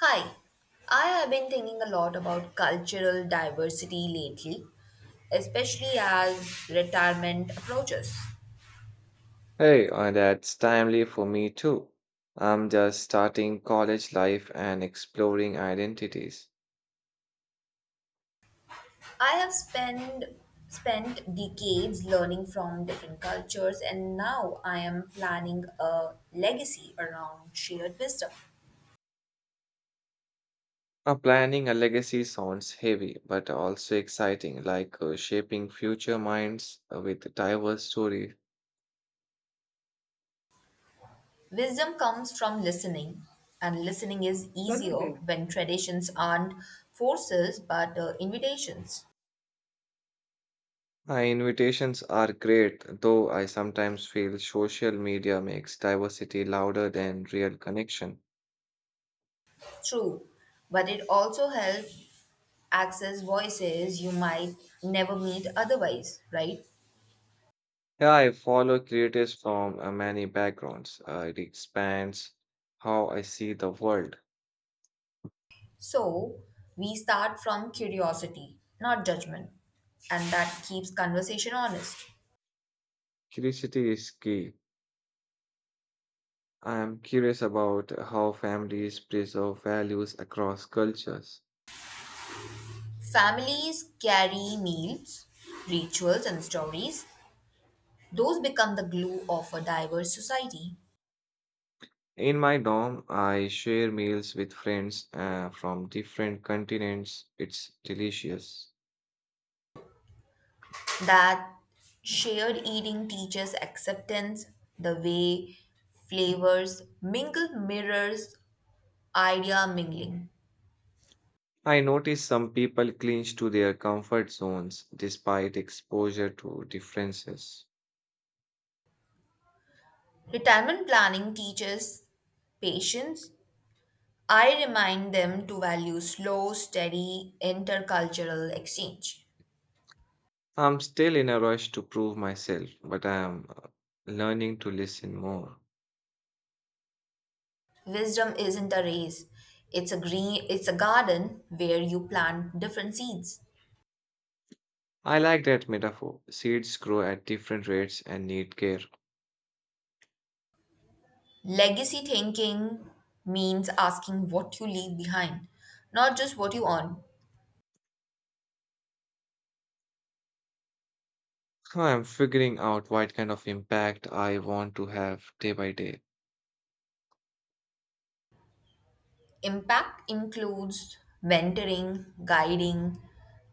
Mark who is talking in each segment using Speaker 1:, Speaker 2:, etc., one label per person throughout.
Speaker 1: Hi, I have been thinking a lot about cultural diversity lately, especially as retirement approaches.
Speaker 2: Hey, that's timely for me too. I'm just starting college life and exploring identities.
Speaker 1: I have spent decades learning from different cultures and now I am planning a legacy around shared wisdom.
Speaker 2: Planning a legacy sounds heavy, but also exciting, like shaping future minds with diverse stories.
Speaker 1: Wisdom comes from listening, and listening is easier when traditions aren't forces but invitations.
Speaker 2: Invitations are great, though I sometimes feel social media makes diversity louder than real connection.
Speaker 1: True, but it also helps access voices you might never meet otherwise, right?
Speaker 2: Yeah, I follow creators from many backgrounds. It expands how I see the world.
Speaker 1: So we start from curiosity, not judgment, and that keeps conversation honest.
Speaker 2: Curiosity is key. I am curious about how families preserve values across cultures.
Speaker 1: Families carry meals, rituals, and stories. Those become the glue of a diverse society.
Speaker 2: In my dorm, I share meals with friends from different continents. It's delicious.
Speaker 1: That shared eating teaches acceptance, the way flavors mingle mirrors idea mingling.
Speaker 2: I notice some people cling to their comfort zones despite exposure to differences.
Speaker 1: Retirement planning teaches patience. I remind them to value slow, steady intercultural exchange.
Speaker 2: I'm still in a rush to prove myself, but I am learning to listen more.
Speaker 1: Wisdom isn't a race. It's a garden where you plant different seeds.
Speaker 2: I like that metaphor. Seeds grow at different rates and need care.
Speaker 1: Legacy thinking means asking what you leave behind, not just what you own.
Speaker 2: So, I'm figuring out what kind of impact I want to have day by day.
Speaker 1: Impact includes mentoring, guiding,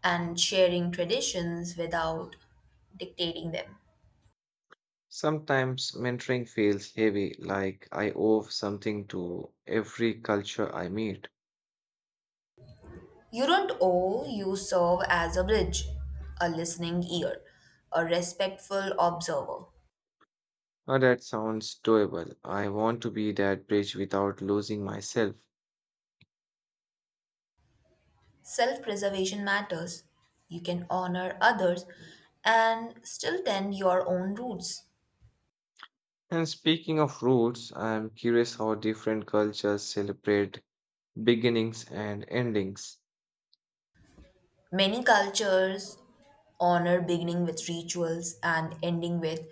Speaker 1: and sharing traditions without dictating them.
Speaker 2: Sometimes mentoring feels heavy, like I owe something to every culture I meet.
Speaker 1: You don't owe, you serve as a bridge, a listening ear, a respectful observer.
Speaker 2: Now that sounds doable. I want to be that bridge without losing myself.
Speaker 1: Self preservation matters. You can honor others and still tend your own roots.
Speaker 2: And speaking of roots, I'm curious how different cultures celebrate beginnings and endings.
Speaker 1: Many cultures honor beginning with rituals and ending with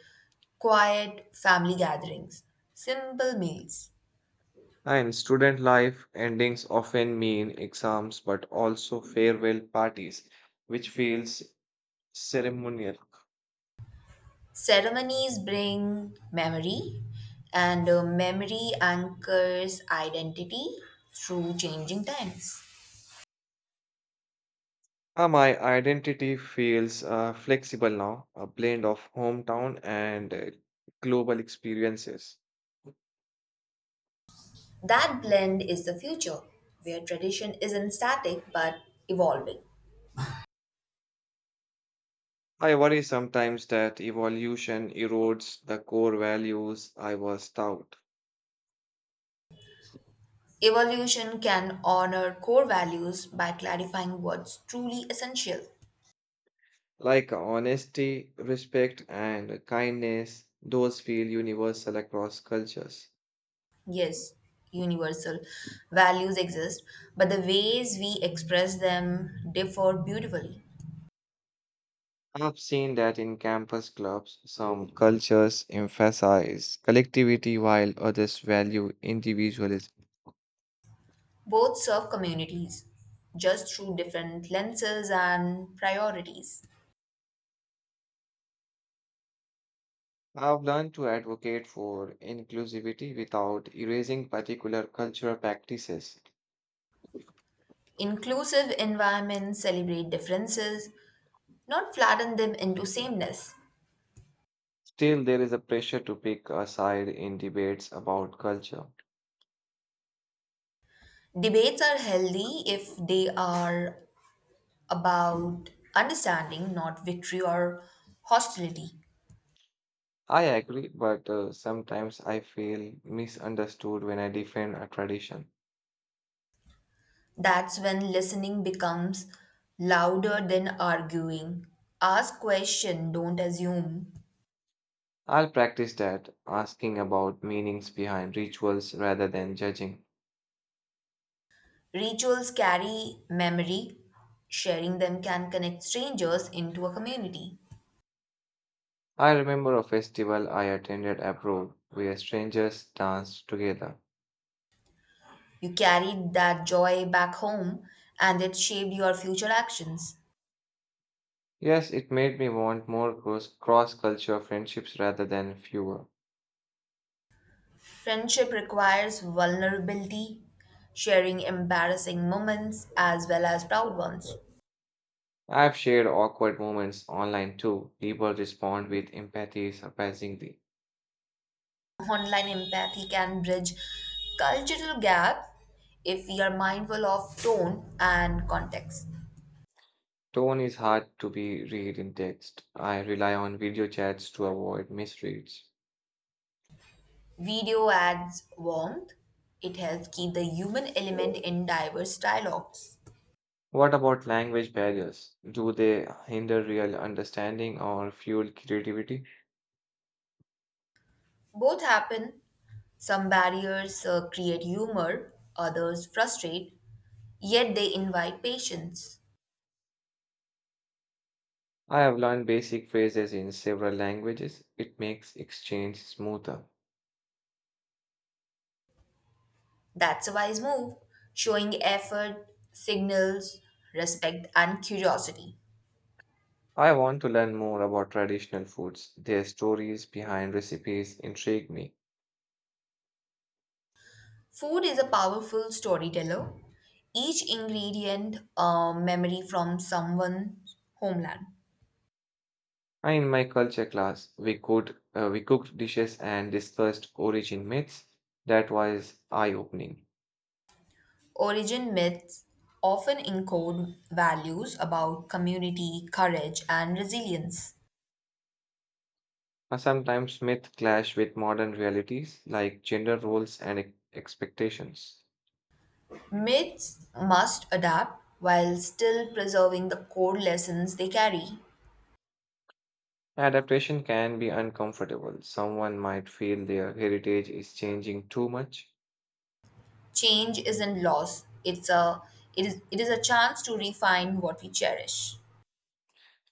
Speaker 1: quiet family gatherings, simple meals.
Speaker 2: In student life, endings often mean exams but also farewell parties, which feels ceremonial.
Speaker 1: Ceremonies bring memory, and memory anchors identity through changing times.
Speaker 2: Ah, my identity feels flexible now, a blend of hometown and global experiences.
Speaker 1: That blend is the future, where tradition isn't static but evolving.
Speaker 2: I worry sometimes that evolution erodes the core values I was taught,
Speaker 1: Evolution can honor core values by clarifying what's truly essential.
Speaker 2: like honesty, respect, and kindness. Those feel universal across cultures.
Speaker 1: Yes, universal values exist, but the ways we express them differ beautifully.
Speaker 2: I've seen that in campus clubs, some cultures emphasize collectivity while others value individualism.
Speaker 1: Both serve communities, just through different lenses and priorities.
Speaker 2: I've learned to advocate for inclusivity without erasing particular cultural practices.
Speaker 1: Inclusive environments celebrate differences, not flatten them into sameness.
Speaker 2: Still, there is a pressure to pick a side in debates about culture.
Speaker 1: Debates are healthy if they are about understanding, not victory or hostility.
Speaker 2: I agree, but sometimes I feel misunderstood when I defend a tradition.
Speaker 1: That's when listening becomes louder than arguing. Ask question, don't assume.
Speaker 2: I'll practice that, asking about meanings behind rituals rather than judging.
Speaker 1: Rituals carry memory. Sharing them can connect strangers into a community.
Speaker 2: I remember a festival I attended abroad where strangers danced together.
Speaker 1: You carried that joy back home and it shaped your future actions.
Speaker 2: Yes, it made me want more cross culture friendships rather than fewer.
Speaker 1: Friendship requires vulnerability, sharing embarrassing moments as well as proud ones.
Speaker 2: I've shared awkward moments online too. People respond with empathy surprisingly.
Speaker 1: Online empathy can bridge cultural gaps if we are mindful of tone and context.
Speaker 2: Tone is hard to be read in text. I rely on video chats to avoid misreads.
Speaker 1: Video adds warmth. It helps keep the human element in diverse dialogues.
Speaker 2: What about language barriers? Do they hinder real understanding or fuel creativity?
Speaker 1: Both happen. Some barriers create humor, others frustrate, yet they invite patience.
Speaker 2: I have learned basic phrases in several languages. It makes exchange smoother.
Speaker 1: That's a wise move, showing effort, signals, respect, and curiosity.
Speaker 2: I want to learn more about traditional foods. Their stories behind recipes intrigue me.
Speaker 1: Food is a powerful storyteller, each ingredient a memory from someone's homeland.
Speaker 2: And in my culture class, we cooked dishes and discussed origin myths. That was eye-opening.
Speaker 1: Origin myths often encode values about community, courage, and resilience.
Speaker 2: Sometimes myths clash with modern realities like gender roles and expectations.
Speaker 1: Myths must adapt while still preserving the core lessons they carry.
Speaker 2: Adaptation can be uncomfortable. Someone might feel their heritage is changing too much.
Speaker 1: Change isn't loss, it is a chance to refine what we cherish.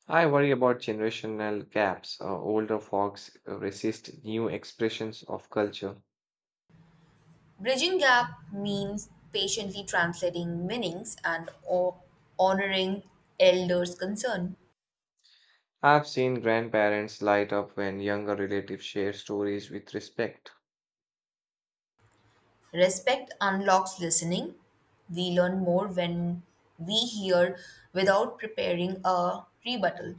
Speaker 2: I worry about generational gaps. Older folks resist new expressions of culture.
Speaker 1: Bridging gap means patiently translating meanings and honoring elders' concern.
Speaker 2: I've seen grandparents light up when younger relatives share stories with respect,
Speaker 1: Respect unlocks listening. We learn more when we hear without preparing a rebuttal.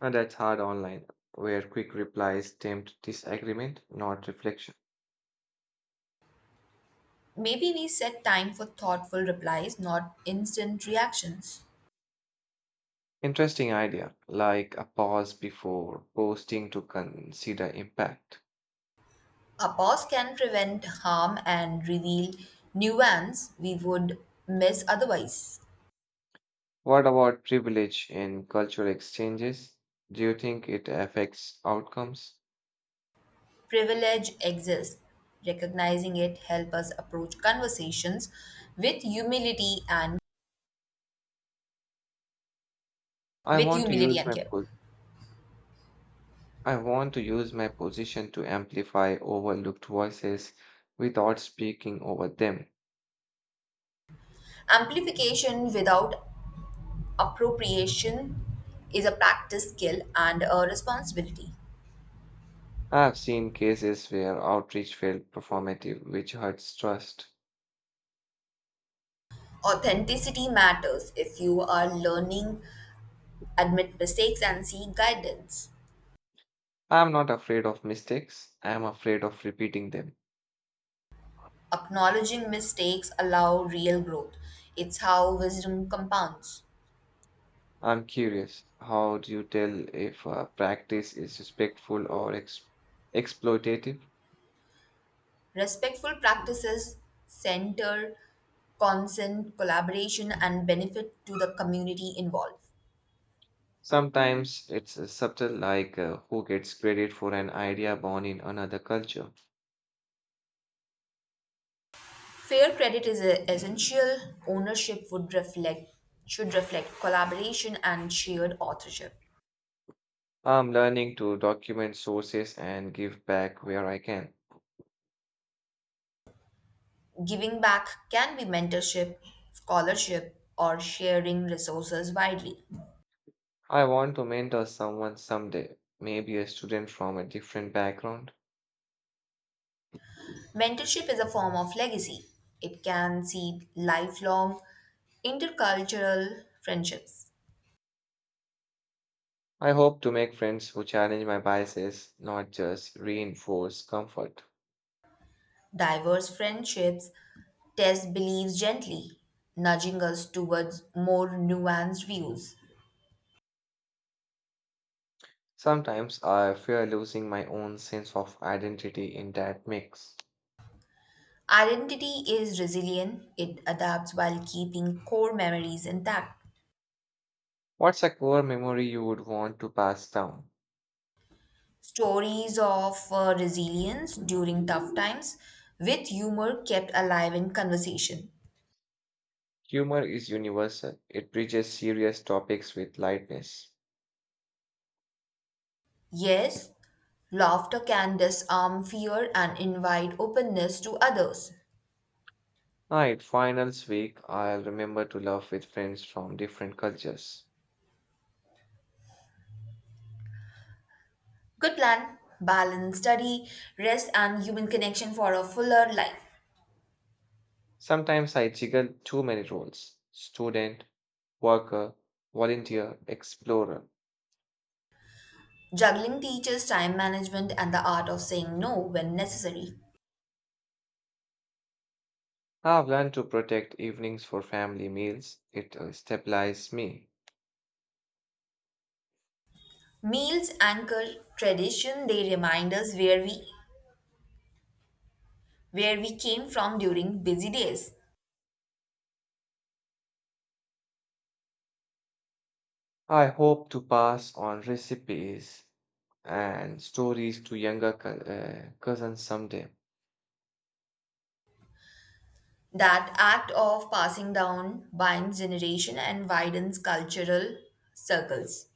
Speaker 2: and that's hard online, where quick replies tempt disagreement, not reflection.
Speaker 1: Maybe we set time for thoughtful replies, not instant reactions.
Speaker 2: Interesting idea, like a pause before posting to consider impact.
Speaker 1: A pause can prevent harm and reveal nuance we would miss otherwise.
Speaker 2: What about privilege in cultural exchanges? Do you think it affects outcomes?
Speaker 1: Privilege exists. Recognizing it helps us approach conversations with humility and
Speaker 2: I
Speaker 1: with
Speaker 2: want to
Speaker 1: humility
Speaker 2: use
Speaker 1: and
Speaker 2: my
Speaker 1: care.
Speaker 2: full I want to use my position to amplify overlooked voices without speaking over them.
Speaker 1: Amplification without appropriation is a practice skill and a responsibility.
Speaker 2: I have seen cases where outreach felt performative, which hurts trust.
Speaker 1: Authenticity matters if you are learning, admit mistakes, and seek guidance.
Speaker 2: I am not afraid of mistakes, I am afraid of repeating them.
Speaker 1: Acknowledging mistakes allow real growth. It's how wisdom compounds.
Speaker 2: I'm curious, how do you tell if a practice is respectful or exploitative?
Speaker 1: Respectful practices center consent, collaboration, and benefit to the community involved.
Speaker 2: Sometimes it's subtle, like who gets credit for an idea born in another culture.
Speaker 1: Fair credit is essential. Ownership would reflect should reflect collaboration and shared authorship.
Speaker 2: I'm learning to document sources and give back where I can.
Speaker 1: Giving back can be mentorship, scholarship, or sharing resources widely.
Speaker 2: I want to mentor someone someday, maybe a student from a different background.
Speaker 1: Mentorship is a form of legacy. It can seed lifelong intercultural friendships.
Speaker 2: I hope to make friends who challenge my biases, not just reinforce comfort.
Speaker 1: Diverse friendships test beliefs gently, nudging us towards more nuanced views.
Speaker 2: Sometimes I fear losing my own sense of identity in that mix.
Speaker 1: Identity is resilient, it adapts while keeping core memories intact.
Speaker 2: What's a core memory you would want to pass down?
Speaker 1: Stories of resilience during tough times with humor kept alive in conversation.
Speaker 2: Humor is universal, it bridges serious topics with lightness.
Speaker 1: Yes, laughter can disarm fear and invite openness to others.
Speaker 2: Right, finals week, I'll remember to laugh with friends from different cultures.
Speaker 1: Good plan. Balance study, rest, and human connection for a fuller life.
Speaker 2: Sometimes I jiggle too many roles student, worker, volunteer, explorer.
Speaker 1: Juggling teaches time management and the art of saying no when necessary.
Speaker 2: I've learned to protect evenings for family meals, it stabilizes me.
Speaker 1: Meals anchor tradition, they remind us where we came from during busy days.
Speaker 2: I hope to pass on recipes and stories to younger cousins someday.
Speaker 1: That act of passing down binds generation and widens cultural circles.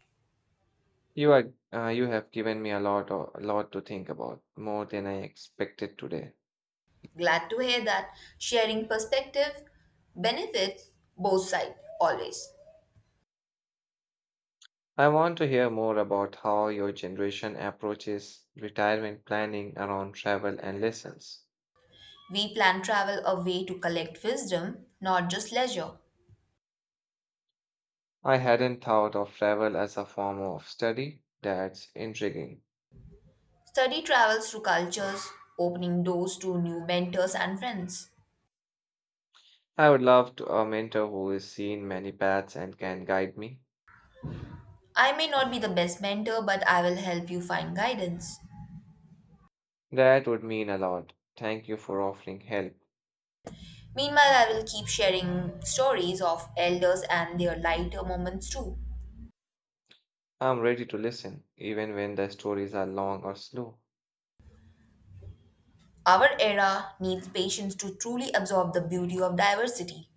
Speaker 2: You are, you have given me a lot, a lot to think about, more than I expected today.
Speaker 1: Glad to hear that sharing perspective benefits both sides always.
Speaker 2: I want to hear more about how your generation approaches retirement planning around travel and lessons.
Speaker 1: We plan travel a way to collect wisdom, not just leisure.
Speaker 2: I hadn't thought of travel as a form of study. That's intriguing.
Speaker 1: Study travels through cultures, opening doors to new mentors and friends.
Speaker 2: I would love to a mentor who has seen many paths and can guide me.
Speaker 1: I may not be the best mentor, but I will help you find guidance.
Speaker 2: That would mean a lot. Thank you for offering help.
Speaker 1: Meanwhile, I will keep sharing stories of elders and their lighter moments too.
Speaker 2: I'm ready to listen, even when the stories are long or slow.
Speaker 1: Our era needs patience to truly absorb the beauty of diversity.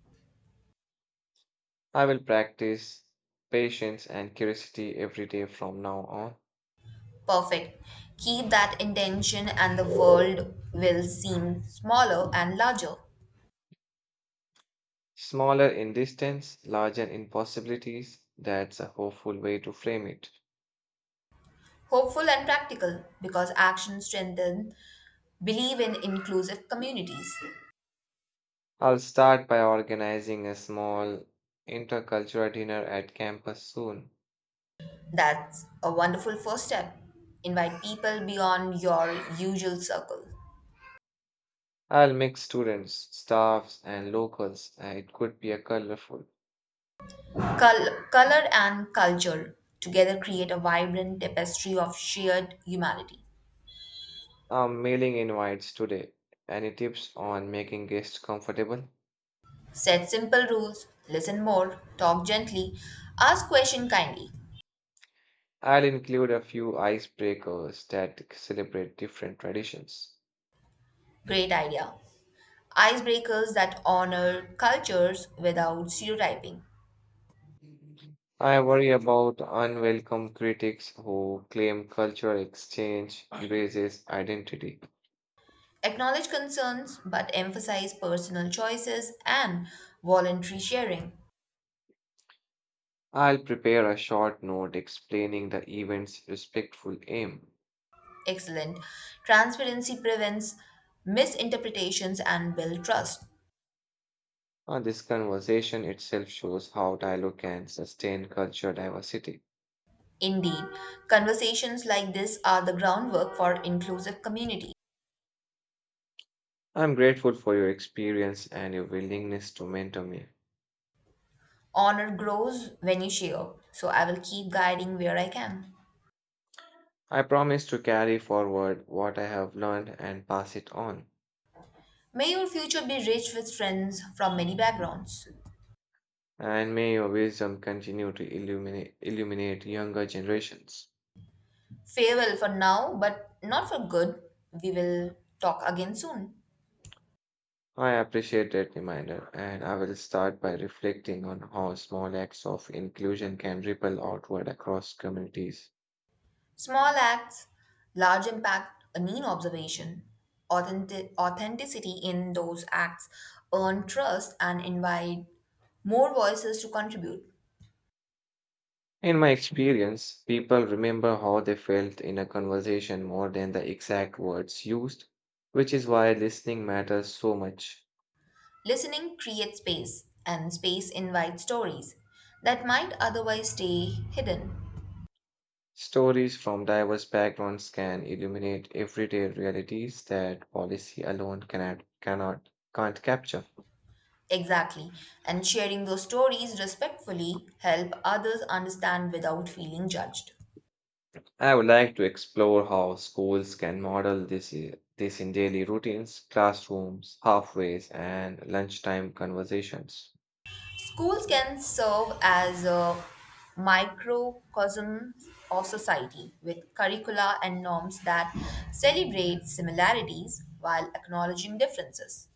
Speaker 2: I will practice patience and curiosity every day from now on.
Speaker 1: Perfect. Keep that intention, and the world will seem smaller and larger.
Speaker 2: Smaller in distance, larger in possibilities. That's a hopeful way to frame it.
Speaker 1: Hopeful and practical, because action strengthens believe in inclusive communities.
Speaker 2: I'll start by organizing a small intercultural dinner at campus soon.
Speaker 1: That's a wonderful first step. Invite people beyond your usual circle.
Speaker 2: I'll mix students, staffs, and locals. It could be a colorful.
Speaker 1: Color and culture together create a vibrant tapestry of shared humanity.
Speaker 2: I'm mailing invites today. Any tips on making guests comfortable?
Speaker 1: Set simple rules, listen more, talk gently, ask questions kindly.
Speaker 2: I'll include a few icebreakers that celebrate different traditions.
Speaker 1: Great idea. Icebreakers that honor cultures without stereotyping.
Speaker 2: I worry about unwelcome critics who claim cultural exchange erases identity.
Speaker 1: Acknowledge concerns but emphasize personal choices and voluntary sharing.
Speaker 2: I'll prepare a short note explaining the event's respectful aim.
Speaker 1: Excellent. Transparency prevents misinterpretations and build trust.
Speaker 2: This conversation itself shows how dialogue can sustain cultural diversity.
Speaker 1: Indeed, conversations like this are the groundwork for inclusive community.
Speaker 2: I'm grateful for your experience and your willingness to mentor me.
Speaker 1: Honor grows when you share, so I will keep guiding where I can.
Speaker 2: I promise to carry forward what I have learned and pass it on.
Speaker 1: May your future be rich with friends from many backgrounds.
Speaker 2: And may your wisdom continue to illuminate younger generations.
Speaker 1: Farewell for now, but not for good. We will talk again soon.
Speaker 2: I appreciate that reminder, and I will start by reflecting on how small acts of inclusion can ripple outward across communities.
Speaker 1: Small acts, large impact, a neat observation, authenticity in those acts earn trust and invite more voices to contribute.
Speaker 2: In my experience, people remember how they felt in a conversation more than the exact words used, which is why listening matters so much.
Speaker 1: Listening creates space, and space invites stories that might otherwise stay hidden.
Speaker 2: Stories from diverse backgrounds can illuminate everyday realities that policy alone cannot can't capture.
Speaker 1: Exactly, and sharing those stories respectfully help others understand without feeling judged.
Speaker 2: I would like to explore how schools can model this in daily routines, classrooms, halfways, and lunchtime conversations.
Speaker 1: Schools can serve as a microcosm of society with curricula and norms that celebrate similarities while acknowledging differences.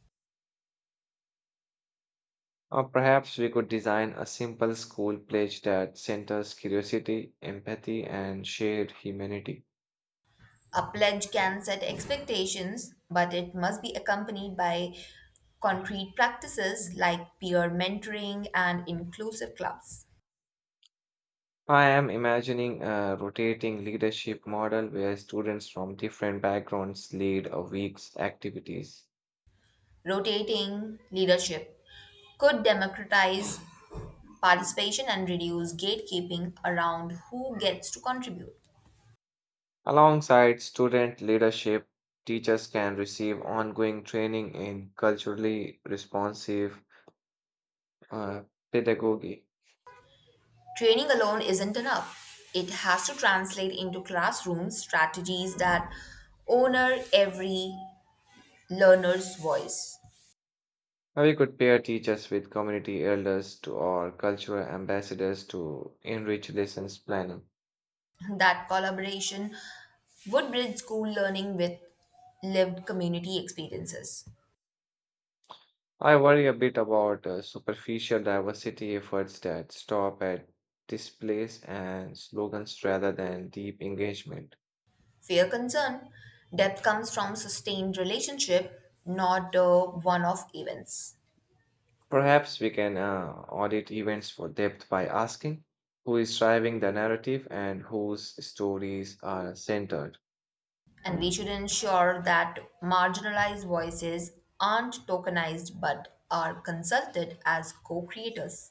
Speaker 2: Or perhaps we could design a simple school pledge that centers curiosity, empathy, and shared humanity.
Speaker 1: A pledge can set expectations, but it must be accompanied by concrete practices like peer mentoring and inclusive clubs.
Speaker 2: I am imagining a rotating leadership model where students from different backgrounds lead a week's activities.
Speaker 1: Rotating leadership could democratize participation and reduce gatekeeping around who gets to contribute.
Speaker 2: Alongside student leadership, teachers can receive ongoing training in culturally responsive uh, pedagogy.
Speaker 1: Training alone isn't enough. It has to translate into classroom strategies that honor every learner's voice.
Speaker 2: Or you could pair teachers with community elders to, or cultural ambassadors to enrich lessons planning.
Speaker 1: That collaboration would bridge school learning with lived community experiences.
Speaker 2: I worry a bit about superficial diversity efforts that stop at displays and slogans rather than deep engagement.
Speaker 1: Fair concern, depth comes from sustained relationship, not one-off events.
Speaker 2: Perhaps we can audit events for depth by asking who is driving the narrative and whose stories are centered.
Speaker 1: And we should ensure that marginalized voices aren't tokenized but are consulted as co-creators.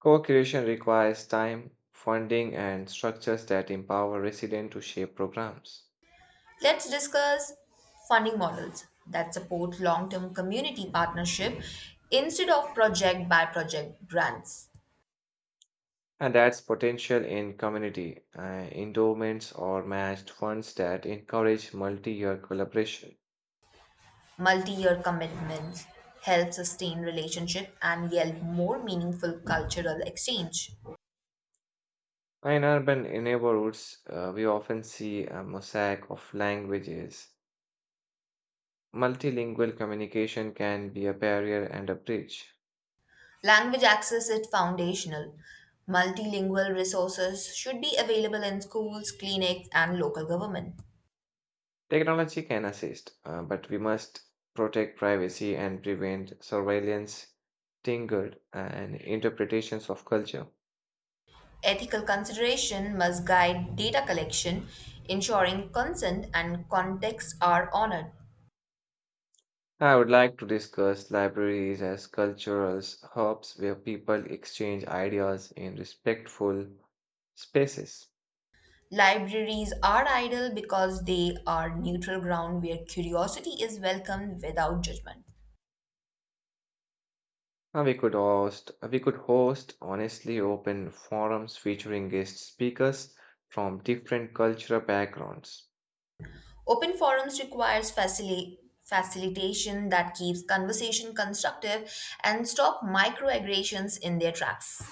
Speaker 2: Co creation requires time, funding, and structures that empower residents to shape programs.
Speaker 1: Let's discuss funding models that support long term community partnership instead of project by project grants.
Speaker 2: And that's potential in community endowments or matched funds that encourage multi year collaboration.
Speaker 1: Multi year commitments help sustain relationship and yield more meaningful cultural exchange.
Speaker 2: In urban neighborhoods, we often see a mosaic of languages. Multilingual communication can be a barrier and a bridge.
Speaker 1: Language access is foundational. Multilingual resources should be available in schools, clinics, and local government.
Speaker 2: Technology can assist, but we must protect privacy and prevent surveillance, tingled and interpretations of culture.
Speaker 1: Ethical consideration must guide data collection, ensuring consent and context are honored.
Speaker 2: I would like to discuss libraries as cultural hubs where people exchange ideas in respectful spaces.
Speaker 1: Libraries are ideal because they are neutral ground where curiosity is welcomed without judgment.
Speaker 2: We could host honestly open forums featuring guest speakers from different cultural backgrounds.
Speaker 1: Open forums requires facilitation that keeps conversation constructive and stop microaggressions in their tracks.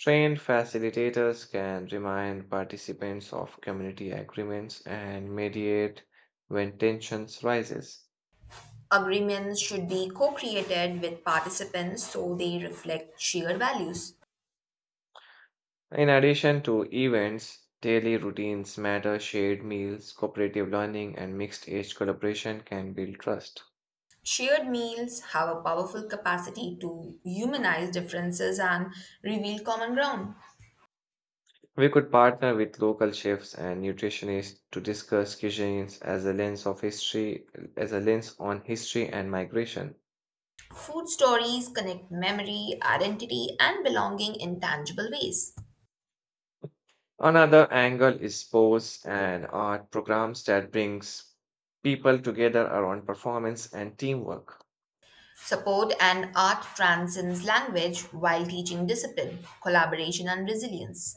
Speaker 2: Trained facilitators can remind participants of community agreements and mediate when tensions rises.
Speaker 1: Agreements should be co-created with participants so they reflect shared values.
Speaker 2: In addition to events, daily routines matter, shared meals, cooperative learning, and mixed age collaboration can build trust.
Speaker 1: Shared meals have a powerful capacity to humanize differences and reveal common ground.
Speaker 2: We could partner with local chefs and nutritionists to discuss cuisines as a lens of history, as a lens on history and migration.
Speaker 1: Food stories connect memory, identity, and belonging in tangible ways.
Speaker 2: Another angle is sports and art programs that brings people together around performance and teamwork.
Speaker 1: Support and art transcends language while teaching discipline, collaboration, and resilience.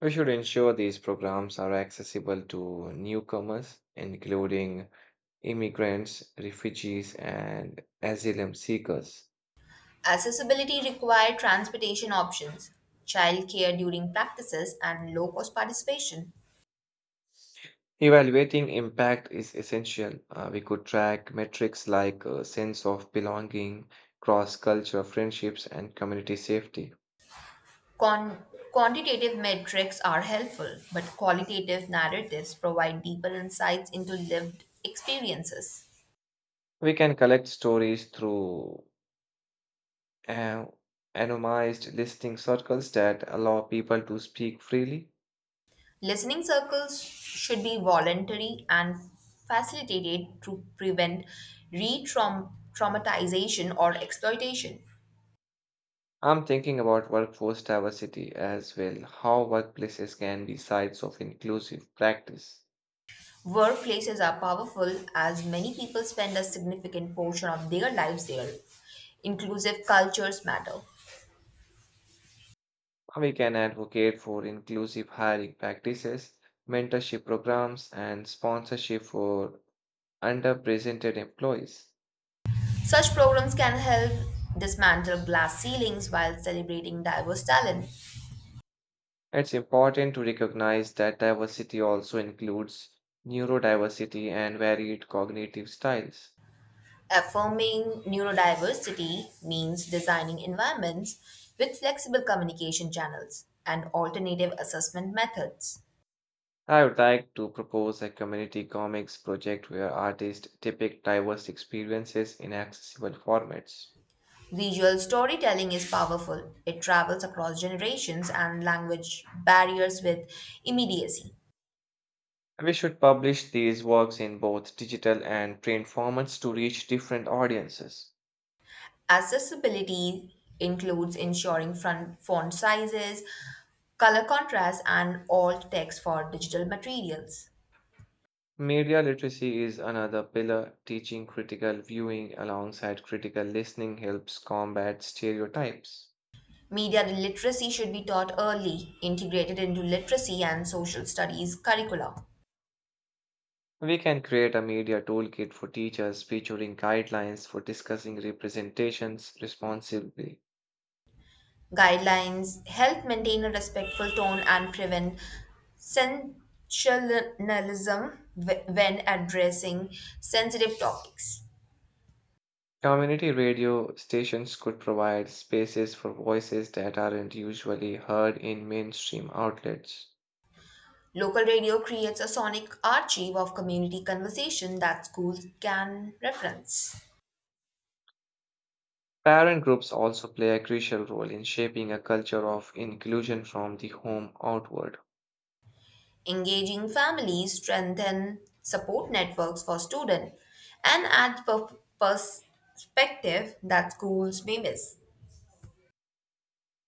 Speaker 2: We should ensure these programs are accessible to newcomers, including immigrants, refugees, and asylum seekers.
Speaker 1: Accessibility require transportation options, childcare during practices, and low cost participation.
Speaker 2: Evaluating impact is essential. We could track metrics like sense of belonging, cross cultural friendships, and community safety.
Speaker 1: Con- Quantitative metrics are helpful, but qualitative narratives provide deeper insights into lived experiences.
Speaker 2: We can collect stories through uh, anonymized listing circles that allow people to speak freely.
Speaker 1: Listening circles should be voluntary and facilitated to prevent re traumatization or exploitation.
Speaker 2: I'm thinking about workforce diversity as well, how workplaces can be sites of inclusive practice.
Speaker 1: Workplaces are powerful as many people spend a significant portion of their lives there. Inclusive cultures matter.
Speaker 2: We can advocate for inclusive hiring practices, mentorship programs, and sponsorship for underrepresented employees.
Speaker 1: Such programs can help dismantle glass ceilings while celebrating diverse talent.
Speaker 2: It's important to recognize that diversity also includes neurodiversity and varied cognitive styles.
Speaker 1: Affirming neurodiversity means designing environments with flexible communication channels and alternative assessment methods.
Speaker 2: I would like to propose a community comics project where artists depict diverse experiences in accessible formats.
Speaker 1: Visual storytelling is powerful. It travels across generations and language barriers with immediacy.
Speaker 2: We should publish these works in both digital and print formats to reach different audiences.
Speaker 1: Accessibility includes ensuring front font sizes, color contrast, and alt text for digital materials.
Speaker 2: Media literacy is another pillar. Teaching critical viewing alongside critical listening helps combat stereotypes.
Speaker 1: Media literacy should be taught early, integrated into literacy and social studies curricula.
Speaker 2: We can create a media toolkit for teachers featuring guidelines for discussing representations responsibly.
Speaker 1: Guidelines help maintain a respectful tone and prevent sensationalism when addressing sensitive topics.
Speaker 2: Community radio stations could provide spaces for voices that aren't usually heard in mainstream outlets.
Speaker 1: Local radio creates a sonic archive of community conversation that schools can reference.
Speaker 2: Parent groups also play a crucial role in shaping a culture of inclusion from the home outward.
Speaker 1: Engaging families strengthen support networks for students and add perspective that schools may miss.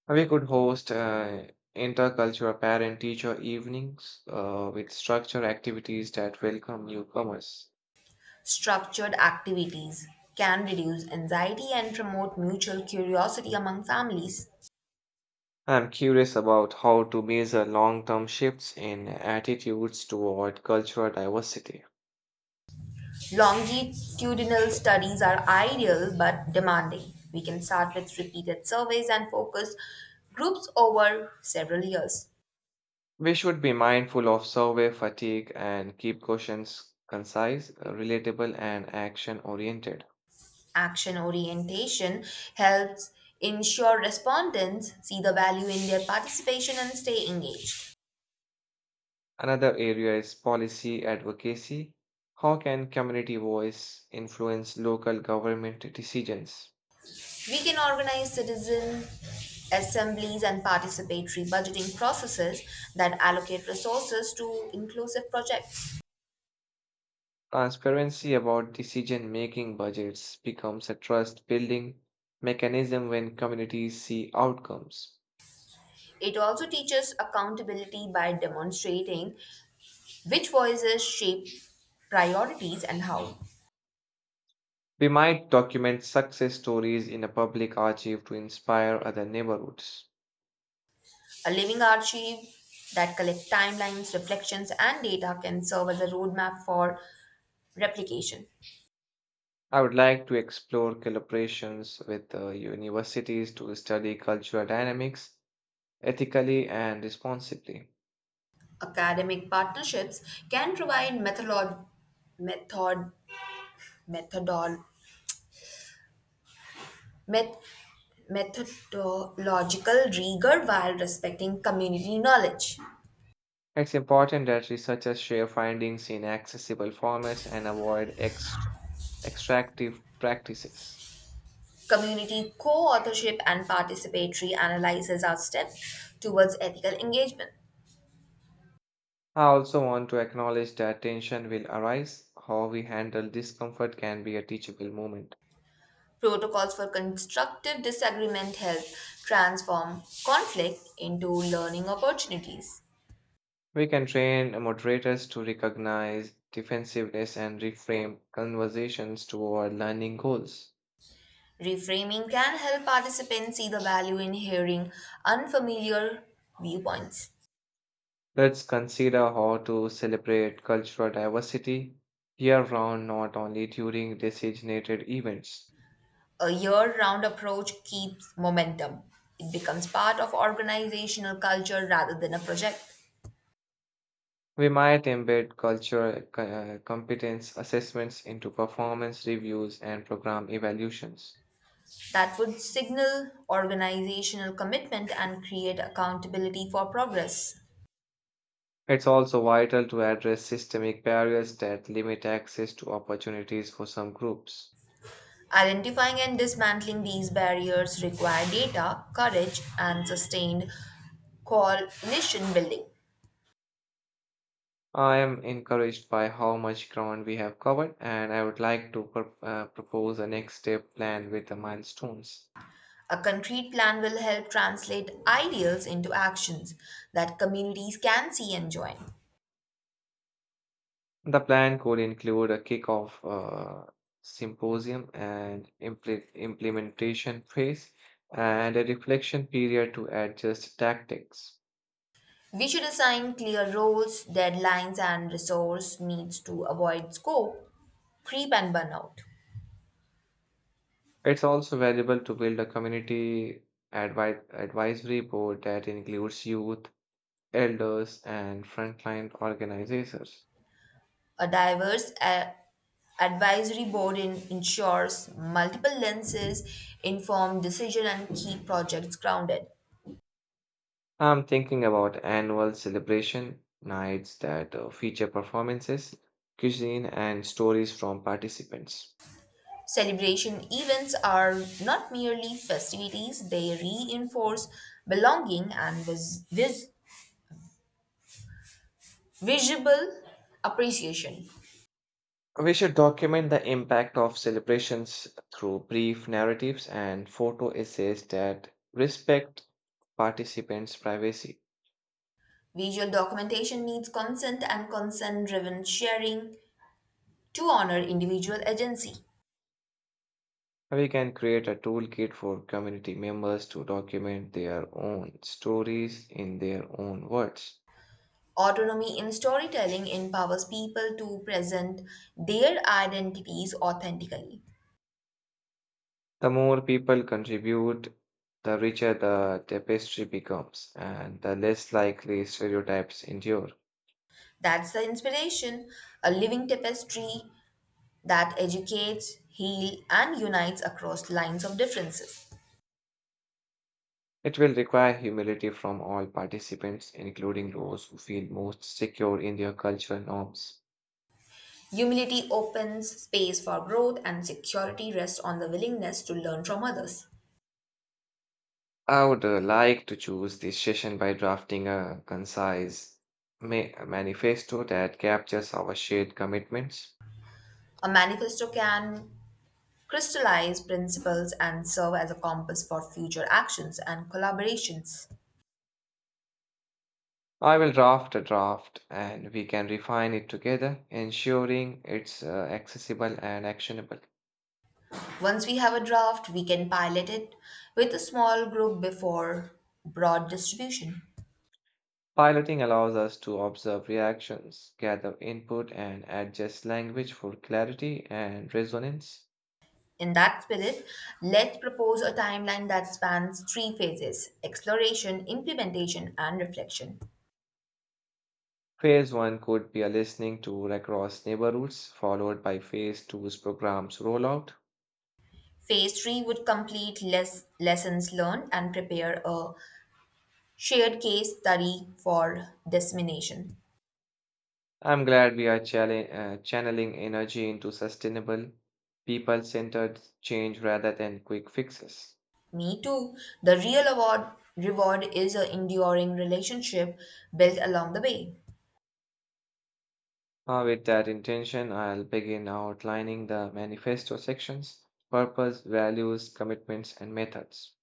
Speaker 2: We could host intercultural parent teacher evenings with structured activities that welcome newcomers.
Speaker 1: Structured activities can reduce anxiety and promote mutual curiosity among families.
Speaker 2: I'm curious about how to measure long term shifts in attitudes toward cultural diversity.
Speaker 1: Longitudinal studies are ideal but demanding. We can start with repeated surveys and focus groups over several years.
Speaker 2: We should be mindful of survey fatigue and keep questions concise, relatable, and action oriented.
Speaker 1: Action orientation helps ensure respondents see the value in their participation and stay engaged.
Speaker 2: Another area is policy advocacy. How can community voice influence local government decisions?
Speaker 1: We can organize citizen assemblies and participatory budgeting processes that allocate resources to inclusive projects.
Speaker 2: Transparency about decision making budgets becomes a trust building mechanism when communities see outcomes.
Speaker 1: It also teaches accountability by demonstrating which voices shape priorities and how.
Speaker 2: We might document success stories in a public archive to inspire other neighborhoods.
Speaker 1: A living archive that collects timelines, reflections, and data can serve as a roadmap for replication.
Speaker 2: I would like to explore collaborations with universities to study cultural dynamics ethically and responsibly.
Speaker 1: Academic partnerships can provide method, methodol, met, methodological rigor while respecting community knowledge.
Speaker 2: It's important that researchers share findings in accessible formats and avoid extractive practices.
Speaker 1: Community co authorship and participatory analysis are steps towards ethical engagement.
Speaker 2: I also want to acknowledge that tension will arise. How we handle discomfort can be a teachable moment.
Speaker 1: Protocols for constructive disagreement help transform conflict into learning opportunities.
Speaker 2: We can train moderators to recognize defensiveness and reframe conversations toward learning goals.
Speaker 1: Reframing can help participants see the value in hearing unfamiliar viewpoints.
Speaker 2: Let's consider how to celebrate cultural diversity year round, not only during designated events.
Speaker 1: A year round approach keeps momentum. It becomes part of organizational culture rather than a project.
Speaker 2: We might embed cultural competence assessments into performance reviews and program evaluations.
Speaker 1: That would signal organizational commitment and create accountability for progress.
Speaker 2: It's also vital to address systemic barriers that limit access to opportunities for some groups.
Speaker 1: Identifying and dismantling these barriers require data, courage, and sustained coalition building.
Speaker 2: I am encouraged by how much ground we have covered, and I would like to propose a next step plan with the milestones.
Speaker 1: A concrete plan will help translate ideals into actions that communities can see and join.
Speaker 2: The plan could include a kickoff symposium and implementation phase and a reflection period to adjust tactics.
Speaker 1: We should assign clear roles, deadlines, and resource needs to avoid scope, creep, and burnout.
Speaker 2: It's also valuable to build a community advisory board that includes youth, elders, and frontline organizers.
Speaker 1: A diverse advisory board ensures multiple lenses, inform decision, and keep projects grounded.
Speaker 2: I'm thinking about annual celebration nights that feature performances, cuisine, and stories from participants.
Speaker 1: Celebration events are not merely festivities, they reinforce belonging and visual appreciation.
Speaker 2: We should document the impact of celebrations through brief narratives and photo essays that respect participants' privacy.
Speaker 1: Visual documentation needs consent and consent driven sharing to honor individual agency.
Speaker 2: We can create a toolkit for community members to document their own stories in their own words.
Speaker 1: Autonomy in storytelling empowers people to present their identities authentically.
Speaker 2: The more people contribute, the richer the tapestry becomes and the less likely stereotypes endure.
Speaker 1: That's the inspiration, a living tapestry that educates, heals, and unites across lines of differences.
Speaker 2: It will require humility from all participants, including those who feel most secure in their cultural norms.
Speaker 1: Humility opens space for growth, and security rests on the willingness to learn from others.
Speaker 2: I would like to choose this session by drafting a concise manifesto that captures our shared commitments.
Speaker 1: A manifesto can crystallize principles and serve as a compass for future actions and collaborations.
Speaker 2: I will draft a draft and we can refine it together, ensuring it's accessible and actionable.
Speaker 1: Once we have a draft, we can pilot it with a small group before broad distribution.
Speaker 2: Piloting allows us to observe reactions, gather input, and adjust language for clarity and resonance.
Speaker 1: In that spirit, let's propose a timeline that spans three phases exploration, implementation, and reflection.
Speaker 2: Phase one could be a listening tour across neighborhoods, followed by phase two's program's rollout.
Speaker 1: Phase 3 would complete lessons learned and prepare a shared case study for dissemination.
Speaker 2: I'm glad we are channeling energy into sustainable, people centered change rather than quick fixes.
Speaker 1: Me too. The real award reward is an enduring relationship built along the way.
Speaker 2: With that intention, I'll begin outlining the manifesto sections purpose, values, commitments, and methods.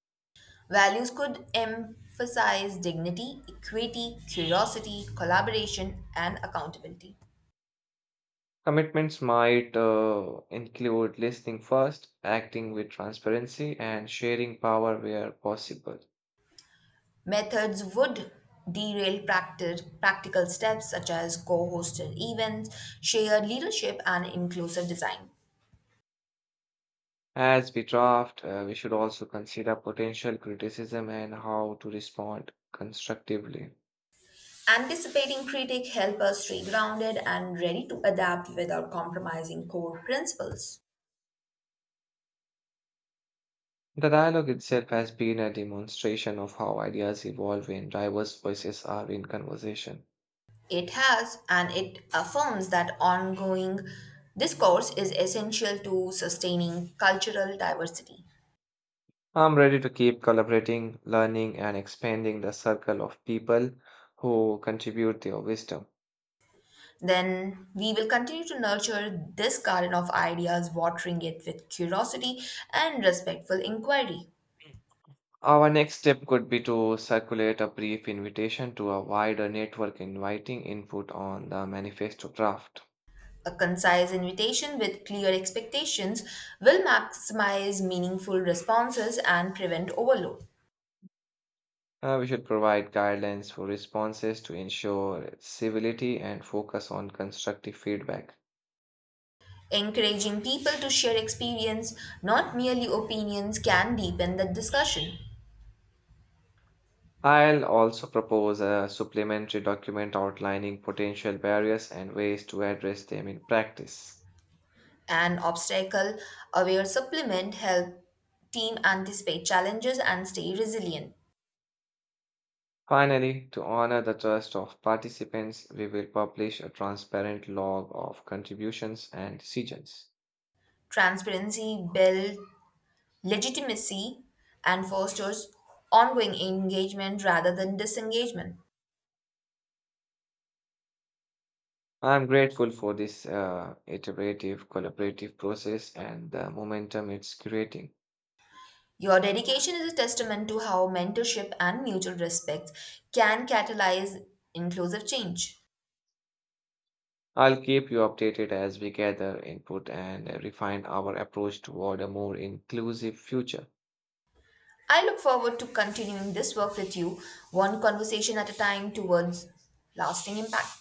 Speaker 1: Values could emphasize dignity, equity, curiosity, collaboration, and accountability.
Speaker 2: Commitments might include listening first, acting with transparency, and sharing power where possible.
Speaker 1: Methods would derail practical steps such as co-hosted events, shared leadership, and inclusive design.
Speaker 2: As we draft, we should also consider potential criticism and how to respond constructively.
Speaker 1: Anticipating critique help us stay grounded and ready to adapt without compromising core principles.
Speaker 2: The dialogue itself has been a demonstration of how ideas evolve when diverse voices are in conversation.
Speaker 1: It has, and it affirms that ongoing discourse is essential to sustaining cultural diversity.
Speaker 2: I'm ready to keep collaborating, learning, and expanding the circle of people who contribute their wisdom.
Speaker 1: Then we will continue to nurture this garden of ideas, watering it with curiosity and respectful inquiry.
Speaker 2: Our next step could be to circulate a brief invitation to a wider network inviting input on the manifesto draft.
Speaker 1: A concise invitation with clear expectations will maximize meaningful responses and prevent overload.
Speaker 2: We should provide guidelines for responses to ensure civility and focus on constructive feedback.
Speaker 1: Encouraging people to share experience, not merely opinions, can deepen the discussion.
Speaker 2: I'll also propose a supplementary document outlining potential barriers and ways to address them in practice.
Speaker 1: An obstacle aware supplement help team anticipate challenges and stay resilient.
Speaker 2: Finally, to honor the trust of participants, we will publish a transparent log of contributions and decisions.
Speaker 1: Transparency builds legitimacy and fosters ongoing engagement rather than disengagement.
Speaker 2: I'm grateful for this iterative collaborative process and the momentum it's creating.
Speaker 1: Your dedication is a testament to how mentorship and mutual respect can catalyze inclusive change.
Speaker 2: I'll keep you updated as we gather input and refine our approach toward a more inclusive future.
Speaker 1: I look forward to continuing this work with you, one conversation at a time towards lasting impact.